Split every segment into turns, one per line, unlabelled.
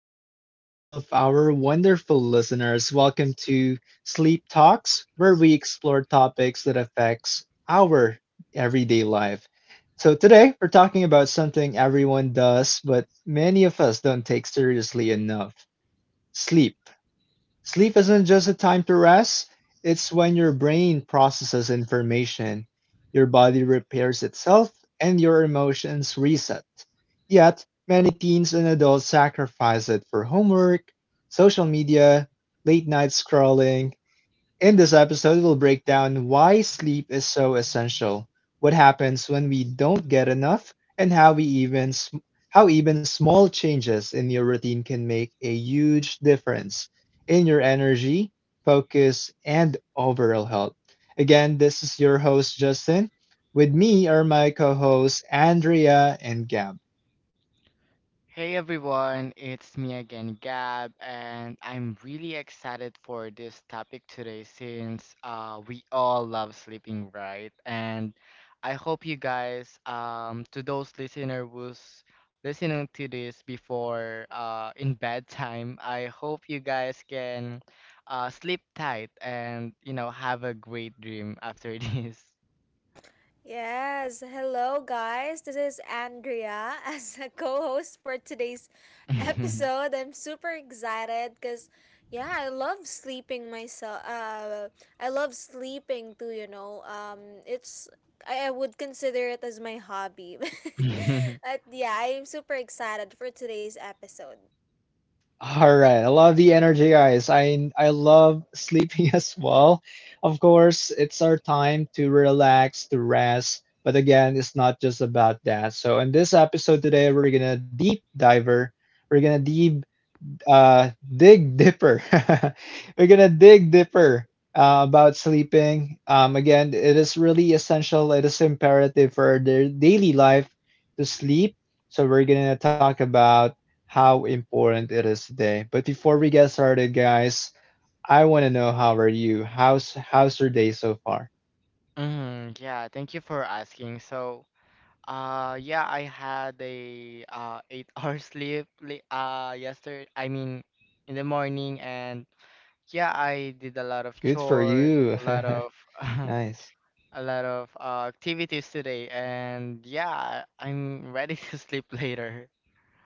evening to all of our wonderful listeners. Welcome to Sleep Talks, where we explore topics that affects our everyday life. So today we're talking about something everyone does, but many of us don't take seriously enough, sleep. Sleep isn't just a time to rest, it's when your brain processes information, your body repairs itself, and your emotions reset. Yet, many teens and adults sacrifice it for homework, social media, late night scrolling, in this episode, we'll break down why sleep is so essential, what happens when we don't get enough, and how how even small changes in your routine can make a huge difference in your energy, focus, and overall health. Again, this is your host Justin. With me are my co-hosts Andrea and Gab.
Hey everyone, it's me again, Gab, and I'm really excited for this topic today since we all love sleeping, right? And I hope you guys, to those listener who's listening to this before in bedtime, I hope you guys can sleep tight and have a great dream after this.
Yes, hello guys. This is Andrea as a co-host for today's episode. I'm super excited cuz yeah, I love sleeping myself. I love sleeping too, you know. I would consider it as my hobby. But yeah, I'm super excited for today's episode.
All right, I love the energy, guys. I love sleeping as well. Of course, it's our time to relax, to rest. But again, it's not just about that. So in this episode today, we're gonna deep diver. We're gonna deep dig dipper. We're gonna dig dipper about sleeping. Again, it is really essential. It is imperative for their daily life to sleep. So we're gonna talk about how important it is today. But before we get started, guys, I want to know how are you? How's your day so far?
Mhm. Yeah, thank you for asking. So. Yeah, I had a 8 hour sleep yesterday. I mean, in the morning, and yeah, I did a lot of
Good for
chores,
you.
a lot of
Nice.
a lot of activities today, and yeah, I'm ready to sleep later.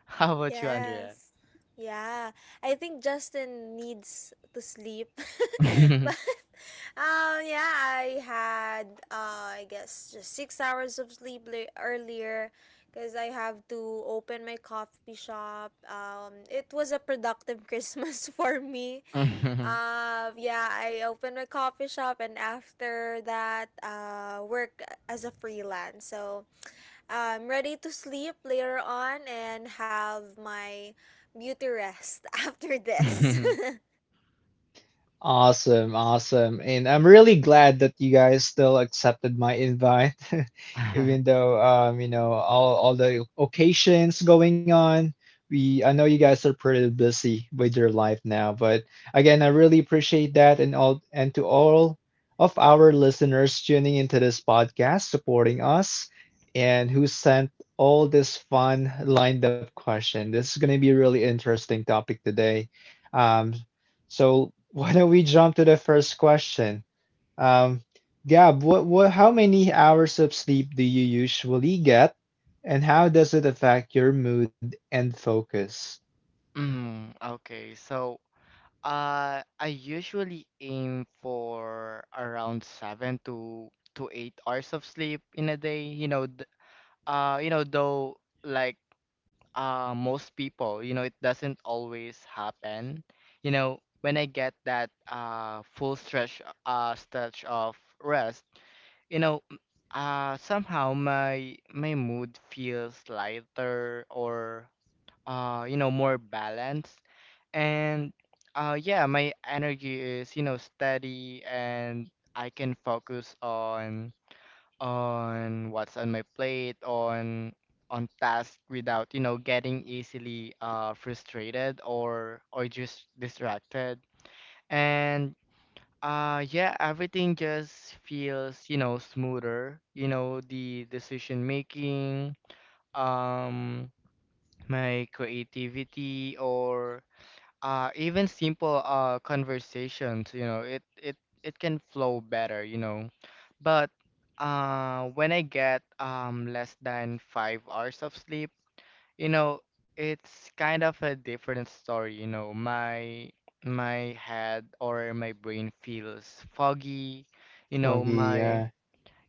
How about you, Andrea?
Yes. Yeah. I think Justin needs to sleep. But yeah, I had I guess just 6 hours of sleep earlier because I have to open my coffee shop. It was a productive Christmas for me. Yeah, I opened my coffee shop, and after that work as a freelance. So I'm ready to sleep later on and have my beauty rest after this.
Awesome, awesome. And I'm really glad that you guys still accepted my invite, even though you know, all the occasions going on. We I know you guys are pretty busy with your life now, but again, I really appreciate that and all and to all of our listeners tuning into this podcast, supporting us, and who sent all this fun lined up question. This is gonna be a really interesting topic today. Um, so why don't we jump to the first question? Um, Gab, how many hours of sleep do you usually get, and how does it affect your mood and focus?
Mm, okay, so. I usually aim for around 7 to 8 hours of sleep in a day. Though, like most people, it doesn't always happen. When I get that full stretch of rest, you know, m- somehow my mood feels lighter or, more balanced. And, yeah, my energy is, you know, steady, and I can focus on what's on my plate, on task without, you know, getting easily frustrated or just distracted. And yeah, everything just feels, you know, smoother. You know, the decision making, um my creativity, or even simple conversations, you know, it can flow better, you know. But when I get less than 5 hours of sleep, you know, it's kind of a different story. You know, my head or my brain feels foggy, you know.
Foggy,
My
yeah.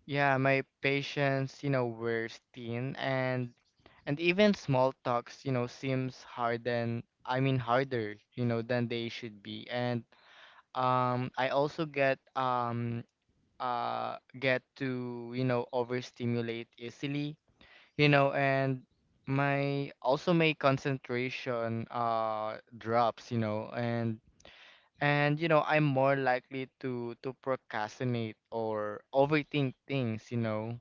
Yeah, my patience, you know, wears thin, and even small talks, you know, seems harder, you know, than they should be. And I also get to, you know, overstimulate easily, you know, and my also my concentration drops, you know, and you know, I'm more likely to procrastinate or overthink things, you know.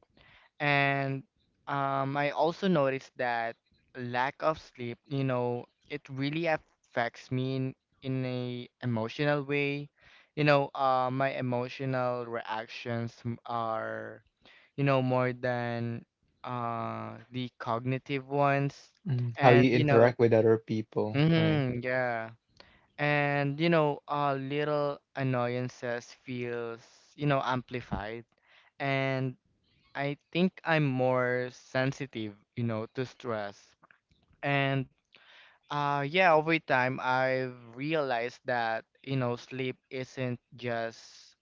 And I also noticed that lack of sleep, you know, it really affects me in a emotional way. You know, my emotional reactions are, you know, more than the cognitive ones.
Mm, how
And,
you
you know,
interact with other people, right?
mm-hmm, yeah. And, you know, little annoyances feels, you know, amplified. And I think I'm more sensitive, you know, to stress. And yeah, over time I've realized that, you know, sleep isn't just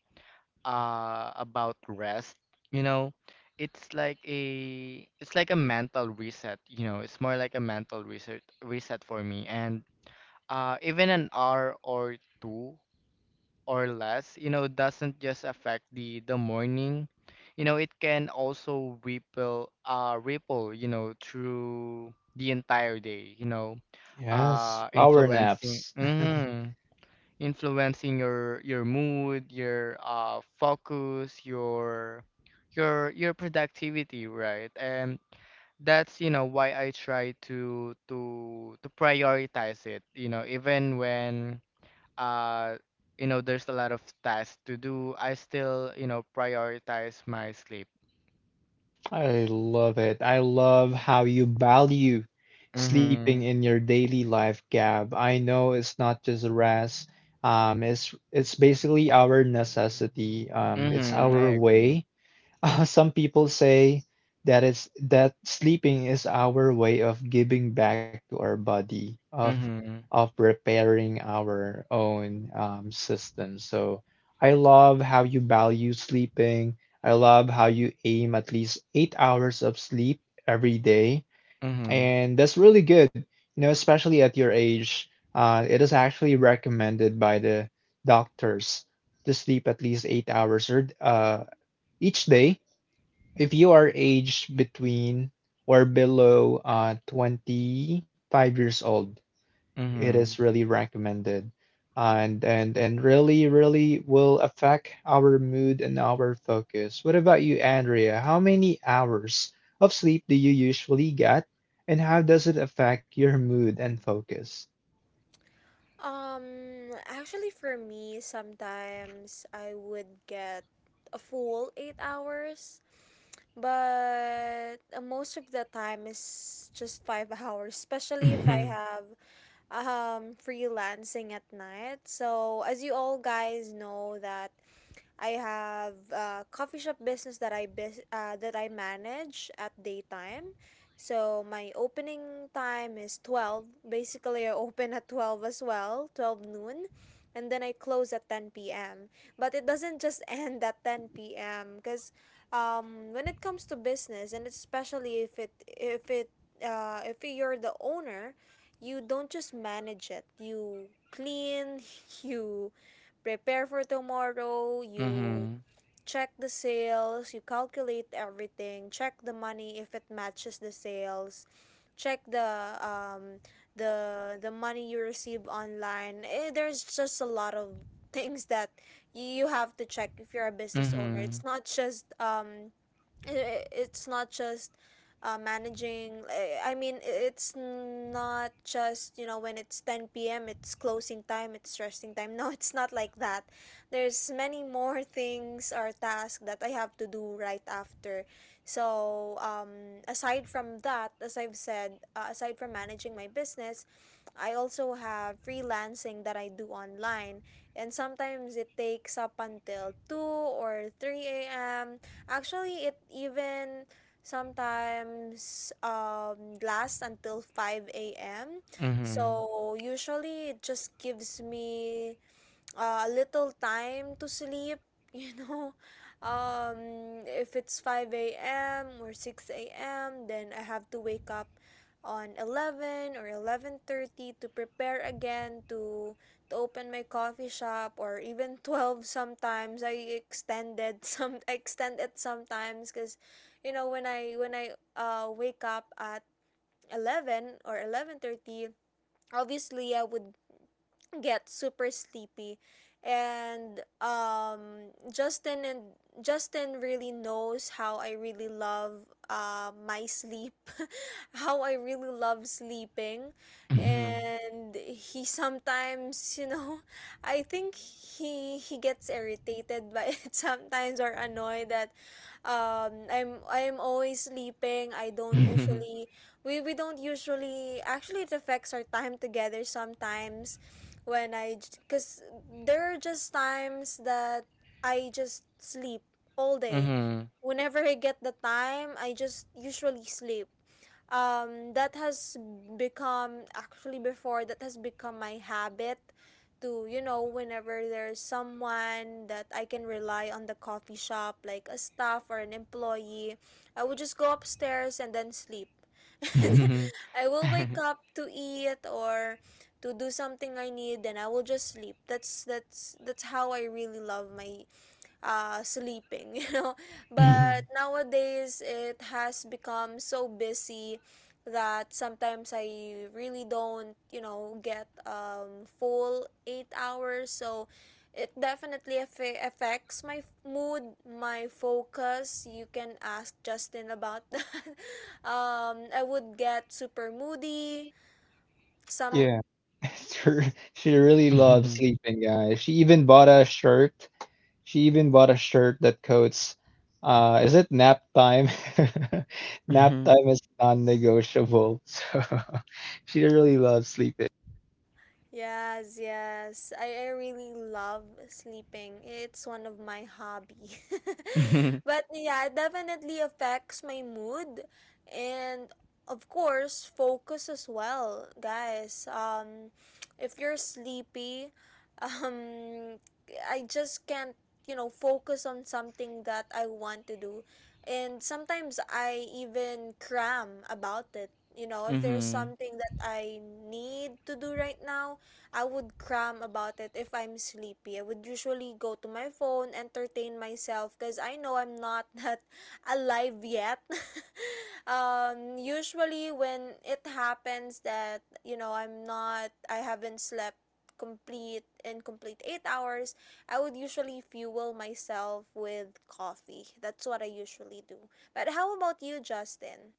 about rest, you know. It's like a mental reset, you know. It's more like a mental reset for me. And even an hour or two or less, you know, doesn't just affect the morning. You know, it can also ripple, you know, through the entire day, you know,
Yes, power
influencing,
naps.
influencing your mood, your focus, your your productivity, right? And that's, you know, why I try to prioritize it, you know, even when uh you know there's a lot of tasks to do, I still, you know, prioritize my sleep.
I love it. I love how you value sleeping
Mm-hmm.
in your daily life, Gab. I know it's not just rest. It's basically our necessity. It's
Mm-hmm, I
our
agree.
way some people say that sleeping is our way of giving back to our body,
Mm-hmm.
of repairing our own system. So I love how you value sleeping. I love how you aim at least 8 hours of sleep every day,
Mm-hmm.
and that's really good. You know, especially at your age, it is actually recommended by the doctors to sleep at least 8 hours or each day if you are aged between or below 25 years old, it is
Mm-hmm.
really recommended. And, and really really will affect our mood and our focus. What about you, Andrea? How many hours of sleep do you usually get, and how does it affect your mood and focus?
Actually, for me, sometimes I would get a full 8 hours, but most of the time is just 5 hours, especially if I have freelancing at night. So, as you all guys know, that I have a coffee shop business that I manage at daytime. So my opening time is 12. Basically, I open at 12 as well, 12 noon, and then I close at 10 p.m. But it doesn't just end at 10 p.m. because when it comes to business, and especially if you're the owner, you don't just manage it. You clean, you prepare for tomorrow, you
Mm-hmm.
check the sales, you calculate everything, check the money if it matches the sales, check the money you receive online. There's just a lot of things that you have to check if you're a business owner.
Mm-hmm.
It's not just managing. I mean, it's not just, you know, when it's 10 p.m, it's closing time, it's resting time, no, it's not like that. There's many more things or tasks that I have to do right after. So, aside from that, as I've said, aside from managing my business, I also have freelancing that I do online, and sometimes it takes up until 2 or 3 a.m. Actually, it even sometimes lasts until 5 a.m.
Mm-hmm.
So usually it just gives me a little time to sleep, you know. If it's 5 a.m. or 6 a.m., then I have to wake up on 11 or 11:30 to prepare again to open my coffee shop, or even 12. Sometimes I extended, some I extend it sometimes, because when I wake up at 11 or 11:30, obviously I would get super sleepy. And Justin really knows how I really love my sleep, how I really love sleeping.
Mm-hmm.
And he sometimes, you know, I think he gets irritated by it sometimes, or annoyed that I'm always sleeping. I don't usually, we don't usually, actually it affects our time together sometimes, when I, because there are just times that I just sleep all day.
Mm-hmm.
Whenever I get the time, I just usually sleep. That has become Actually, before, that has become my habit to you know whenever there's someone that I can rely on the coffee shop, like a staff or an employee. I would just go upstairs and then sleep.
Mm-hmm.
I will wake up to eat or to do something I need, then I will just sleep. That's how I really love my sleeping, you know.
Mm-hmm.
But nowadays it has become so busy that sometimes I really don't, get full 8 hours. So it definitely affects my mood, my focus. You can ask Justin about that. I would get super moody. Some
Yeah. She really loves
Mm-hmm.
sleeping, guys. She even bought a shirt that quotes, is it nap time? Nap
Mm-hmm.
time is non-negotiable. So she really loves sleeping.
Yes, yes. I really love sleeping. It's one of my hobby.
Mm-hmm,
But yeah, it definitely affects my mood, and of course focus as well, guys. If you're sleepy, um I just can't, focus on something that I want to do. And sometimes I even cram about it. If there's
mm-hmm,
something that I need to do right now, I would cram about it if I'm sleepy. I would usually go to my phone, entertain myself because I know I'm not that alive yet. Usually when it happens that, I haven't slept complete 8 hours, I would usually fuel myself with coffee. That's what I usually do. But how about you, Justin?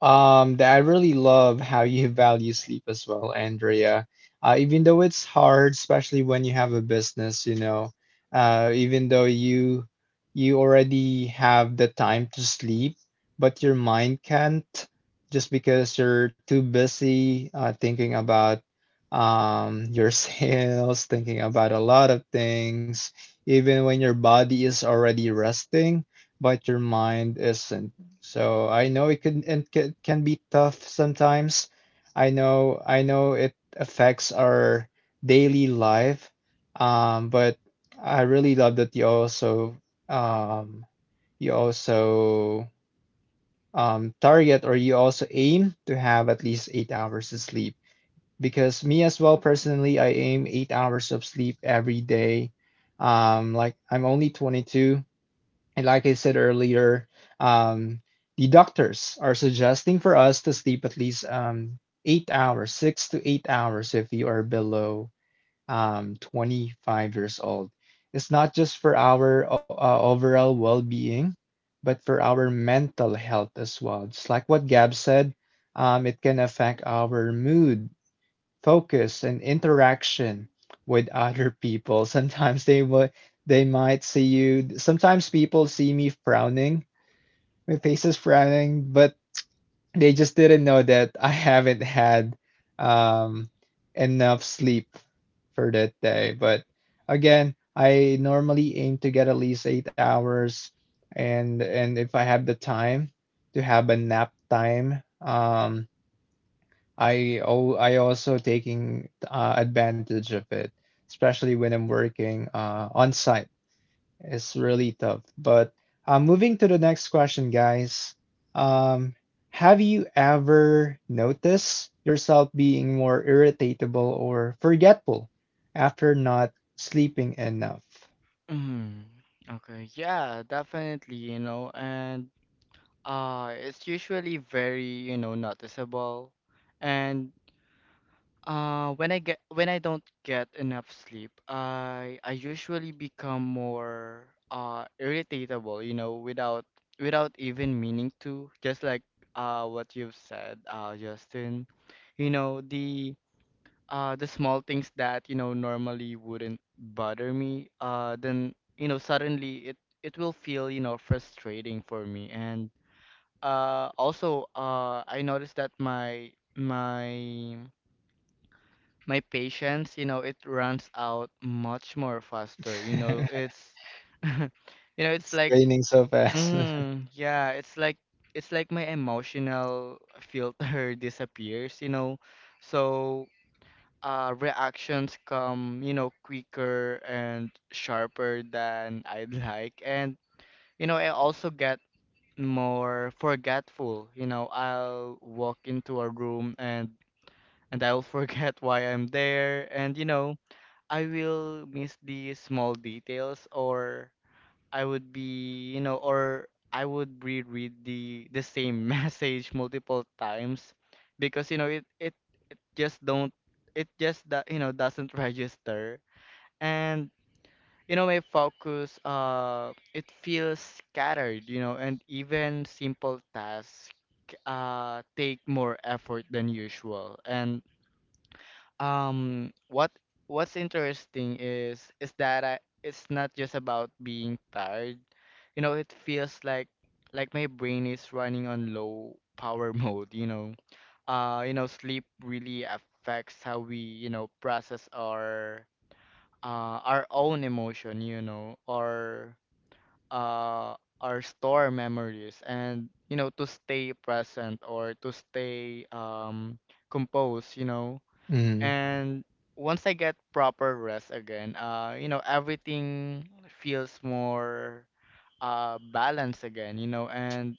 That I really love how you value sleep as well, Andrea. Even though it's hard, especially when you have a business, you know, even though you already have the time to sleep, but your mind can't just because you're too busy thinking about your sales, thinking about a lot of things, even when your body is already resting, but your mind isn't. So I know it can can be tough sometimes. I know it affects our daily life. But I really love that um you also target or you also aim to have at least 8 hours of sleep. Because me as well personally, I aim 8 hours of sleep every day. Like I'm only 22, and like I said earlier, um, the doctors are suggesting for us to sleep at least 8 hours, 6 to 8 hours if you are below 25 years old. It's not just for our overall well being, but for our mental health as well. Just like what Gab said, it can affect our mood, focus and interaction with other people. Sometimes they would They might see you. Sometimes people see me frowning, my face is frowning, but they just didn't know that I haven't had um, enough sleep for that day. But again, I normally aim to get at least 8 hours, and if I have the time to have a nap time, I oh, I also taking advantage of it, especially when I'm working on site. It's really tough. But moving to the next question, guys. Um, have you ever noticed yourself being more irritatable or forgetful after not sleeping enough?
mm-hmm. Okay, yeah, definitely, you know. And it's usually very, you know, noticeable. And when I get when I don't get enough sleep, I usually become more irritable, you know, without without even meaning to. Just like what you've said, Justin, you know, the small things that, you know, normally wouldn't bother me, then, you know, suddenly it will feel, you know, frustrating for me. And also, I noticed that my patience, you know, it runs out much more faster. You know, it's you know, it's
It's
like
raining so fast.
yeah, it's like my emotional filter disappears, you know. So, reactions come, you know, quicker and sharper than I'd like. And, you know, I also get more forgetful. You know, I'll walk into a room and I'll forget why I'm there, and you know, I will miss the small details, or I would be, you know, or I would reread the same message multiple times, because you know it it just don't, it just that you know doesn't register. And you know my focus, it feels scattered, you know, and even simple tasks take more effort than usual. And what what's interesting is that I it's not just about being tired, you know. It feels like my brain is running on low power mode, you know. You know, sleep really affects how we, you know, process our own emotion, you know, or uh, our store memories, and you know, to stay present, or to stay, composed, you know.
Mm,
And once I get proper rest again, you know, everything feels more, balanced again, you know. And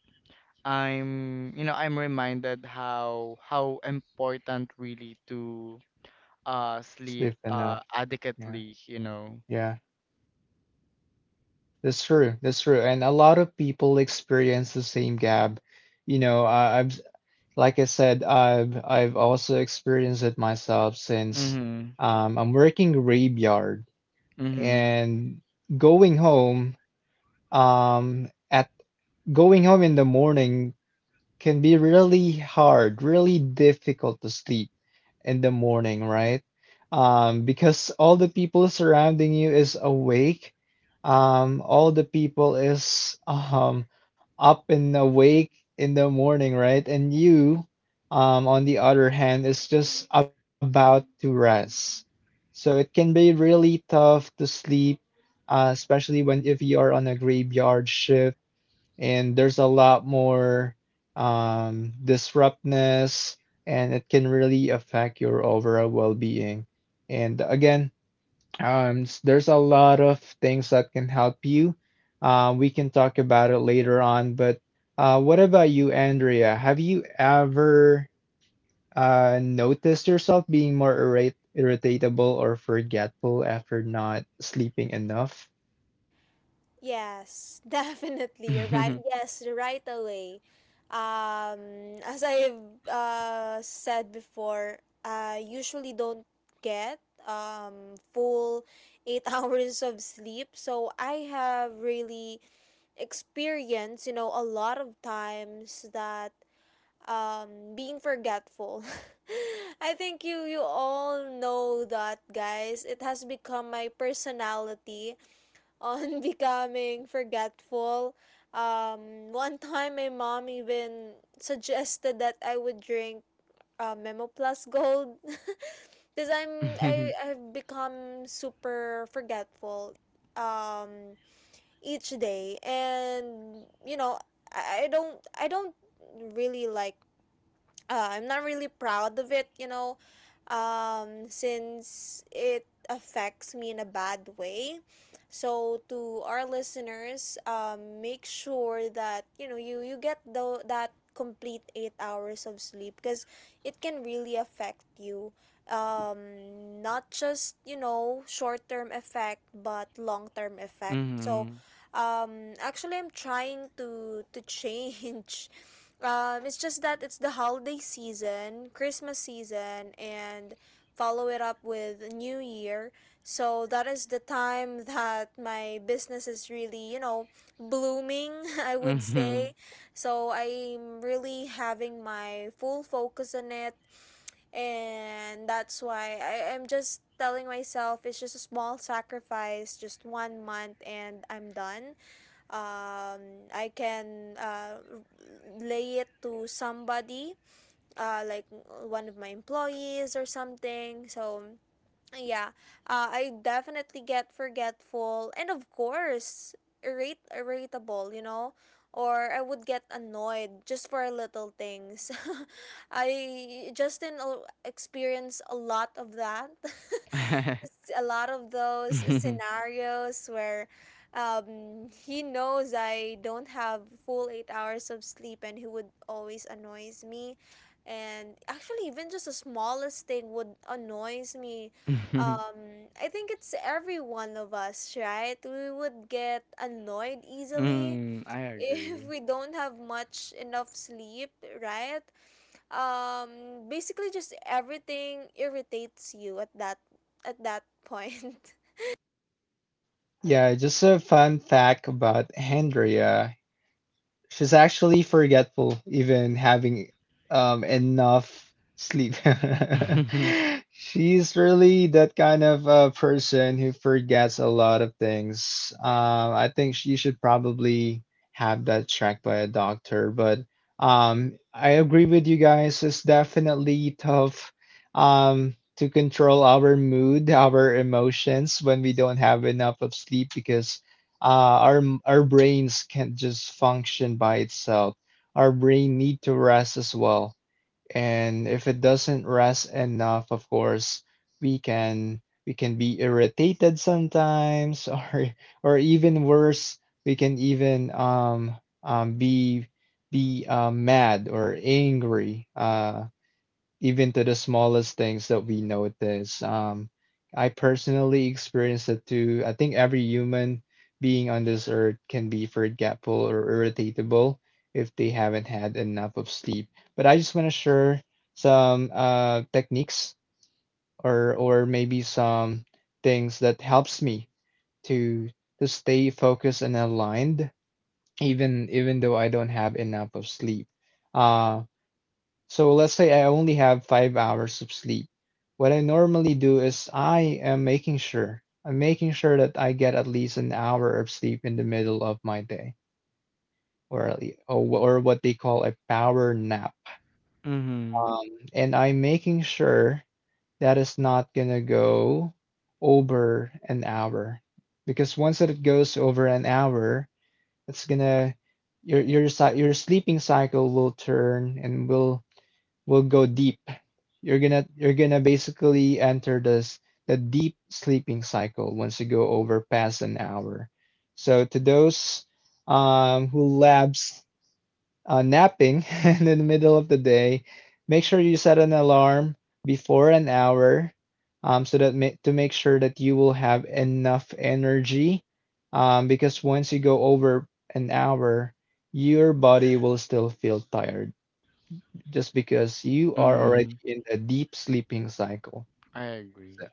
I'm, you know, I'm reminded how important really to, sleep,
sleep enough. Yeah.
adequately, you know.
Yeah. That's true. That's true. And a lot of people experience the same gap. You know, I, I've like I said, I've also experienced it myself since
Mm-hmm.
I'm working graveyard
Mm-hmm.
and going home um, at going home in the morning can be really hard, really difficult to sleep in the morning, right? Because all the people surrounding you is awake. All the people is up and awake in the morning, right? And you, on the other hand, is just about to rest. So it can be really tough to sleep, especially when if you are on a graveyard shift and there's a lot more disruptness and it can really affect your overall well-being, and again there's a lot of things that can help you. We can talk about it later on, but what about you, Andrea? Have you ever noticed yourself being more irritable or forgetful after not sleeping enough?
Yes, definitely. You're right. Yes, right away. As I've said before, I usually don't get full eight hours of sleep. So I have really experienced, a lot of times that being forgetful. I think you all know that, guys. It has become my personality on becoming forgetful. One time, my mom even suggested that I would drink Memo Plus Gold because I've become super forgetful um each day. And I don't really like. I'm not really proud of it, since it affects me in a bad way. So to our listeners, make sure that you get the that complete 8 hours of sleep, because it can really affect you. Not just short term effect, but long term effect. So,
Mm-hmm.
actually, I'm trying to change. It's just that it's the holiday season, Christmas season, and follow it up with New Year. So that is the time that my business is really, blooming, I would say.
Mhm.
So I'm really having my full focus on it. And that's why I'm just telling myself it's just a small sacrifice, just one month, and I'm done. I can lay it to somebody, like one of my employees or something. So yeah, I definitely get forgetful, and of course irate irritable, or I would get annoyed just for little things. I Justin experienced a lot of that. A lot of those
Mhm.
scenarios where he knows I don't have full 8 hours of sleep, and he would always annoys me. And actually, even just the smallest thing would annoys me.
Mhm.
I think it's every one of us, right? We would get annoyed easily
Mm, I
if
agree.
we don't have much enough sleep, right? Basically, just everything irritates you at that point.
Yeah, just a fun fact about Andrea. She's actually forgetful, even having enough sleep.
Mhm.
She's really that kind of person who forgets a lot of things. I think she should probably have that checked by a doctor. But I agree with you guys. It's definitely tough to control our mood, our emotions when we don't have enough of sleep because uh, our our brains can't just function by itself. Our brain need to rest as well. And if it doesn't rest enough, of course, we can we can be irritated sometimes, or even worse, we can even be mad or angry. Even to the smallest things that we notice. I personally experienced it too. I think every human being on this earth can be forgetful or irritatable if they haven't had enough of sleep. But I just want to share some techniques or maybe some things that helps me to to stay focused and aligned even even though I don't have enough of sleep. Uh, so let's say I only have 5 hours of sleep. What I normally do is I'm making sure that I get at least an hour of sleep in the middle of my day, or at lea- or, wh- or what they call a power nap.
Mhm.
Um, and I'm making sure that is not gonna go over an hour, because once that it goes over an hour, it's gonna your sleeping cycle will turn and will go deep. You're gonna basically enter this the deep sleeping cycle once you go over past an hour. So to those who labs napping in the middle of the day, make sure you set an alarm before an hour to make sure that you will have enough energy because once you go over an hour, your body will still feel tired just because you are already
Mhm.
in a deep sleeping cycle.
I agree.
Yeah.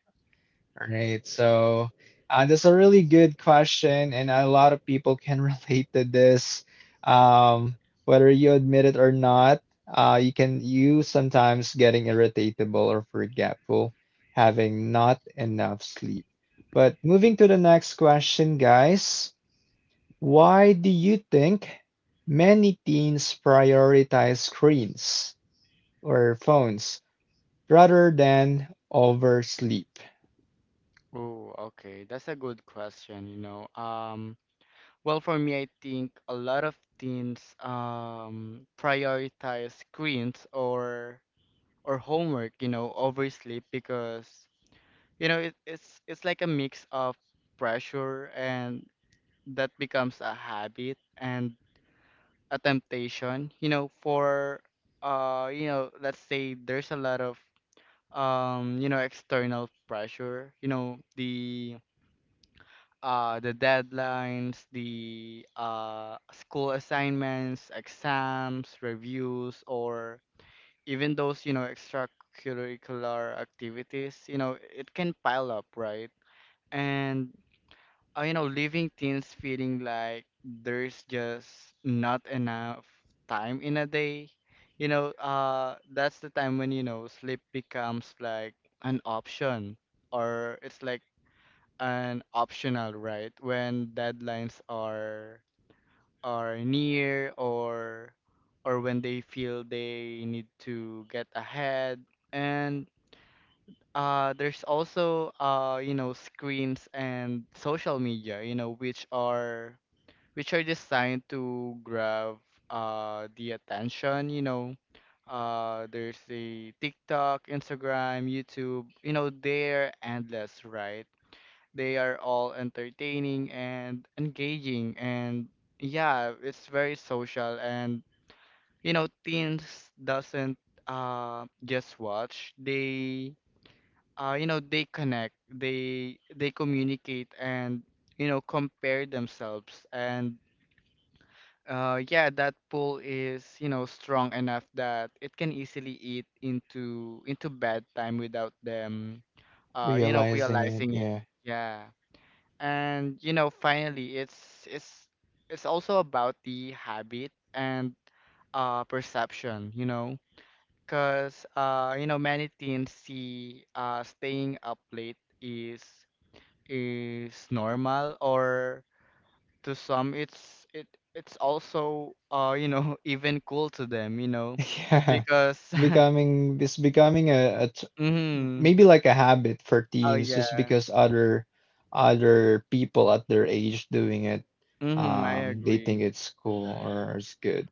All right. So that's a really good question, and a lot of people can relate to this. Um, Whether you admit it or not, you can you sometimes getting irritatable or forgetful, having not enough sleep. But moving to the next question, guys, why do you think many teens prioritize screens or phones rather than oversleep.
Oh, okay. That's a good question, you know. Well, for me, I think a lot of teens prioritize screens or homework, you know, over sleep because you know it's like a mix of pressure and that becomes a habit and a temptation, you know. For you know, let's say there's a lot of, you know, external pressure, you know, the deadlines, the school assignments, exams, reviews, or even those, you know, extracurricular activities, you know, it can pile up, right? And you know, leaving teens feeling like there's just not enough time in a day. You know, that's the time when, you know, sleep becomes like an option, or it's like an optional, right? When deadlines are near, or when they feel they need to get ahead. And there's also you know, screens and social media, you know, which are designed to grab the attention, you know. There's the TikTok, Instagram, YouTube, you know, they're endless, right? They are all entertaining and engaging, and yeah, it's very social. And you know, teens doesn't just watch. They You know, they connect, they communicate, and you know, compare themselves. And yeah, that pool is, you know, strong enough that it can easily eat into bedtime without them, you know,
Realizing it,
realizing it.
yeah,
Yeah. And, you know, finally, it's also about the habit and perception, you know, because you know, many teens see staying up late is is normal, or to some, it it's also, you know, even cool to them, you know,
yeah,
because
it's becoming maybe
mm,
like a habit for
oh
teens, just
yeah,
because other people at their age doing it,
mm, I
they think
agree,
it's cool or it's good.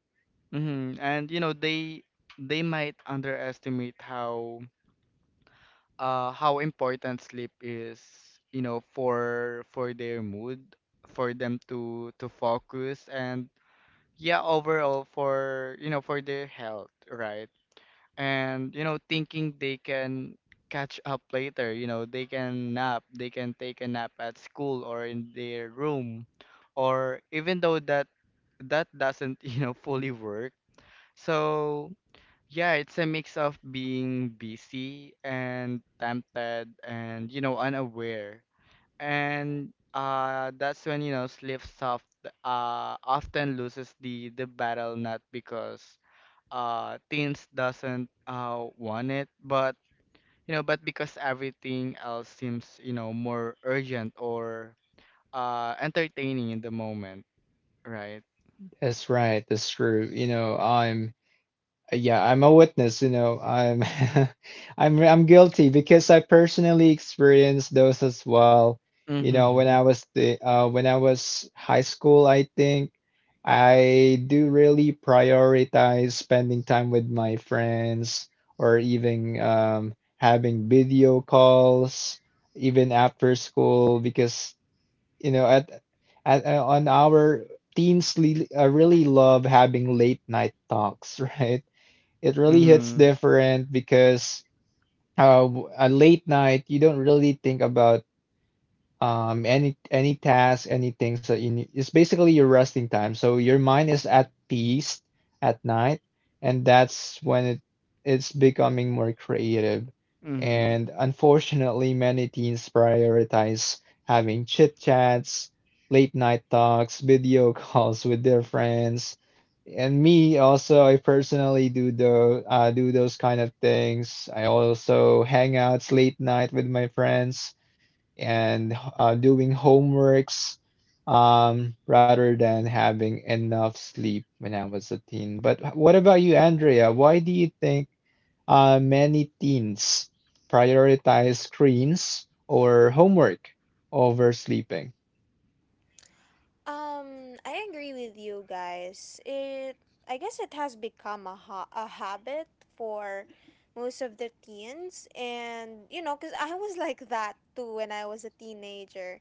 mm. And you know, they might underestimate how important sleep is, you know, for their mood, for them to focus, and yeah, overall for you know for their health, right? And you know, thinking they can catch up later, you know, they can nap, they can take a nap at school or in their room, or even though that doesn't you know fully work. So yeah, it's a mix of being busy and tempted and you know unaware. And that's when you know sleep soft often loses the battle, not because teens doesn't want it, but you know but because everything else seems, you know, more urgent or entertaining in the moment, right?
That's right. That's true. You know, I'm yeah, I'm a witness, you know. I'm I'm guilty because I personally experienced those as well. You know, when I
Mhm.
was the when I was high school, I think I do really prioritize spending time with my friends or even having video calls even after school because you know at on our teens really, really love having late night talks. Right, it really hits
Mhm.
different because uh, at late night you don't really think about any tasks, any things that you need. It's basically your resting time. So your mind is at peace at night, and that's when it's becoming more creative.
Mhm.
And unfortunately, many teens prioritize having chit chats, late night talks, video calls with their friends, and me also, I personally do the do those kind of things. I also hang outs late night with my friends and doing homeworks rather than having enough sleep when I was a teen. But what about you, Andrea? Why do you think many teens prioritize screens or homework over sleeping?
I agree with you guys. It I guess it has become a a habit for most of the teens, and cuz I was like that too when I was a teenager.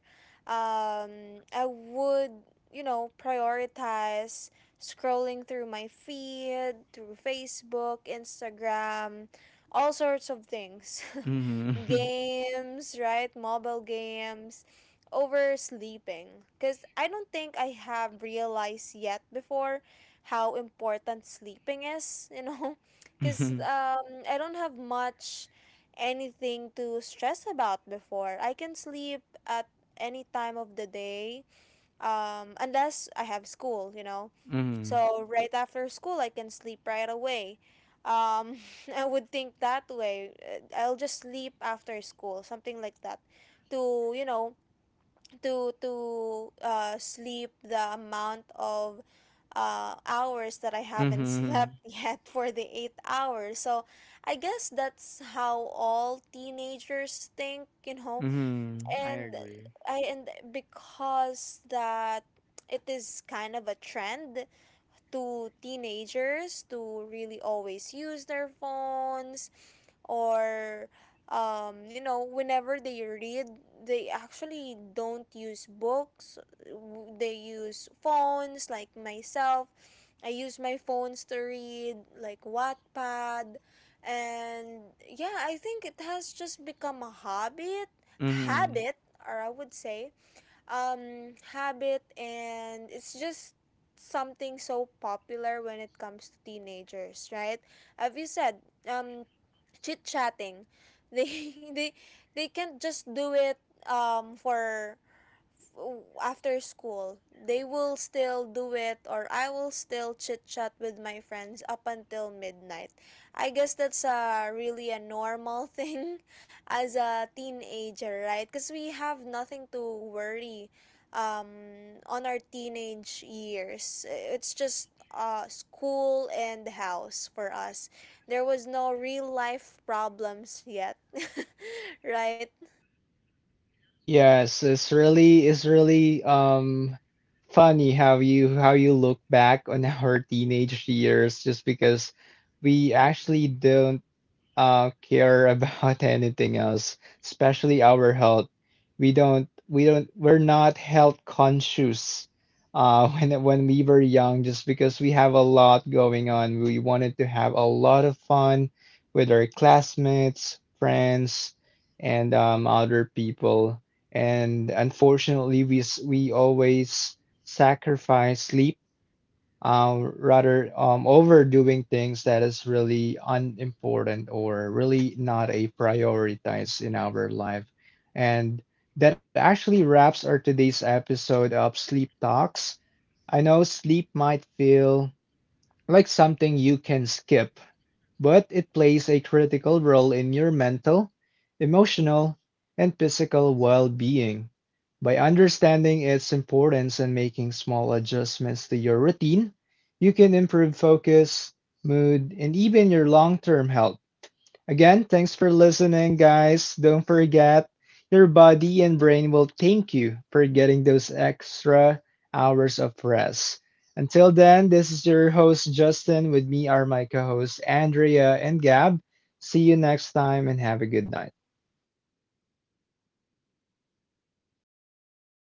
I would, prioritize scrolling through my feed, through Facebook, Instagram, all sorts of things.
Mhm.
Games, right? Mobile games, over sleeping. Because I don't think I have realized yet before how important sleeping is, you know? Because
Mhm.
I don't have much anything to stress about before. I can sleep at any time of the day, unless I have school,
Mhm.
So right after school, I can sleep right away. Um, I would think that way. I'll just sleep after school, something like that, to you know, to sleep the amount of hours that I haven't
Mhm.
slept yet for the 8 hours. So I guess that's how all teenagers think,
Mhm. I
and
agree.
I and because that it is kind of a trend to teenagers to really always use their phones, or whenever they read, they actually don't use books. They use phones like myself. I use my phones to read, like Wattpad. And yeah, I think it has just become a habit
Mhm.
habit or I would say, habit. And it's just something so popular when it comes to teenagers, right? Have you said um chit chatting? They they they can't just do it um for f- after school. They will still do it, or I will still chit chat with my friends up until midnight. I guess that's a really a normal thing as a teenager, right? Because we have nothing to worry on our teenage years. It's just school and house for us. There was no real life problems yet. Right?
Yes, it's really funny how you look back on our teenage years just because we actually don't care about anything else, especially our health. We're not health conscious. When we were young, just because we have a lot going on, we wanted to have a lot of fun with our classmates, friends, and other people. And unfortunately, we always sacrifice sleep rather overdoing things that is really unimportant or really not a prioritized in our life. And that actually wraps our today's episode of Sleep Talks. I know sleep might feel like something you can skip, but it plays a critical role in your mental, emotional, and physical well being. By understanding its importance and making small adjustments to your routine, you can improve focus, mood, and even your long term health. Again, thanks for listening, guys. Don't forget, your body and brain will thank you for getting those extra hours of rest. Until then, this is your host, Justin. With me are my co hosts, Andrea and Gab. See you next time and have a good night.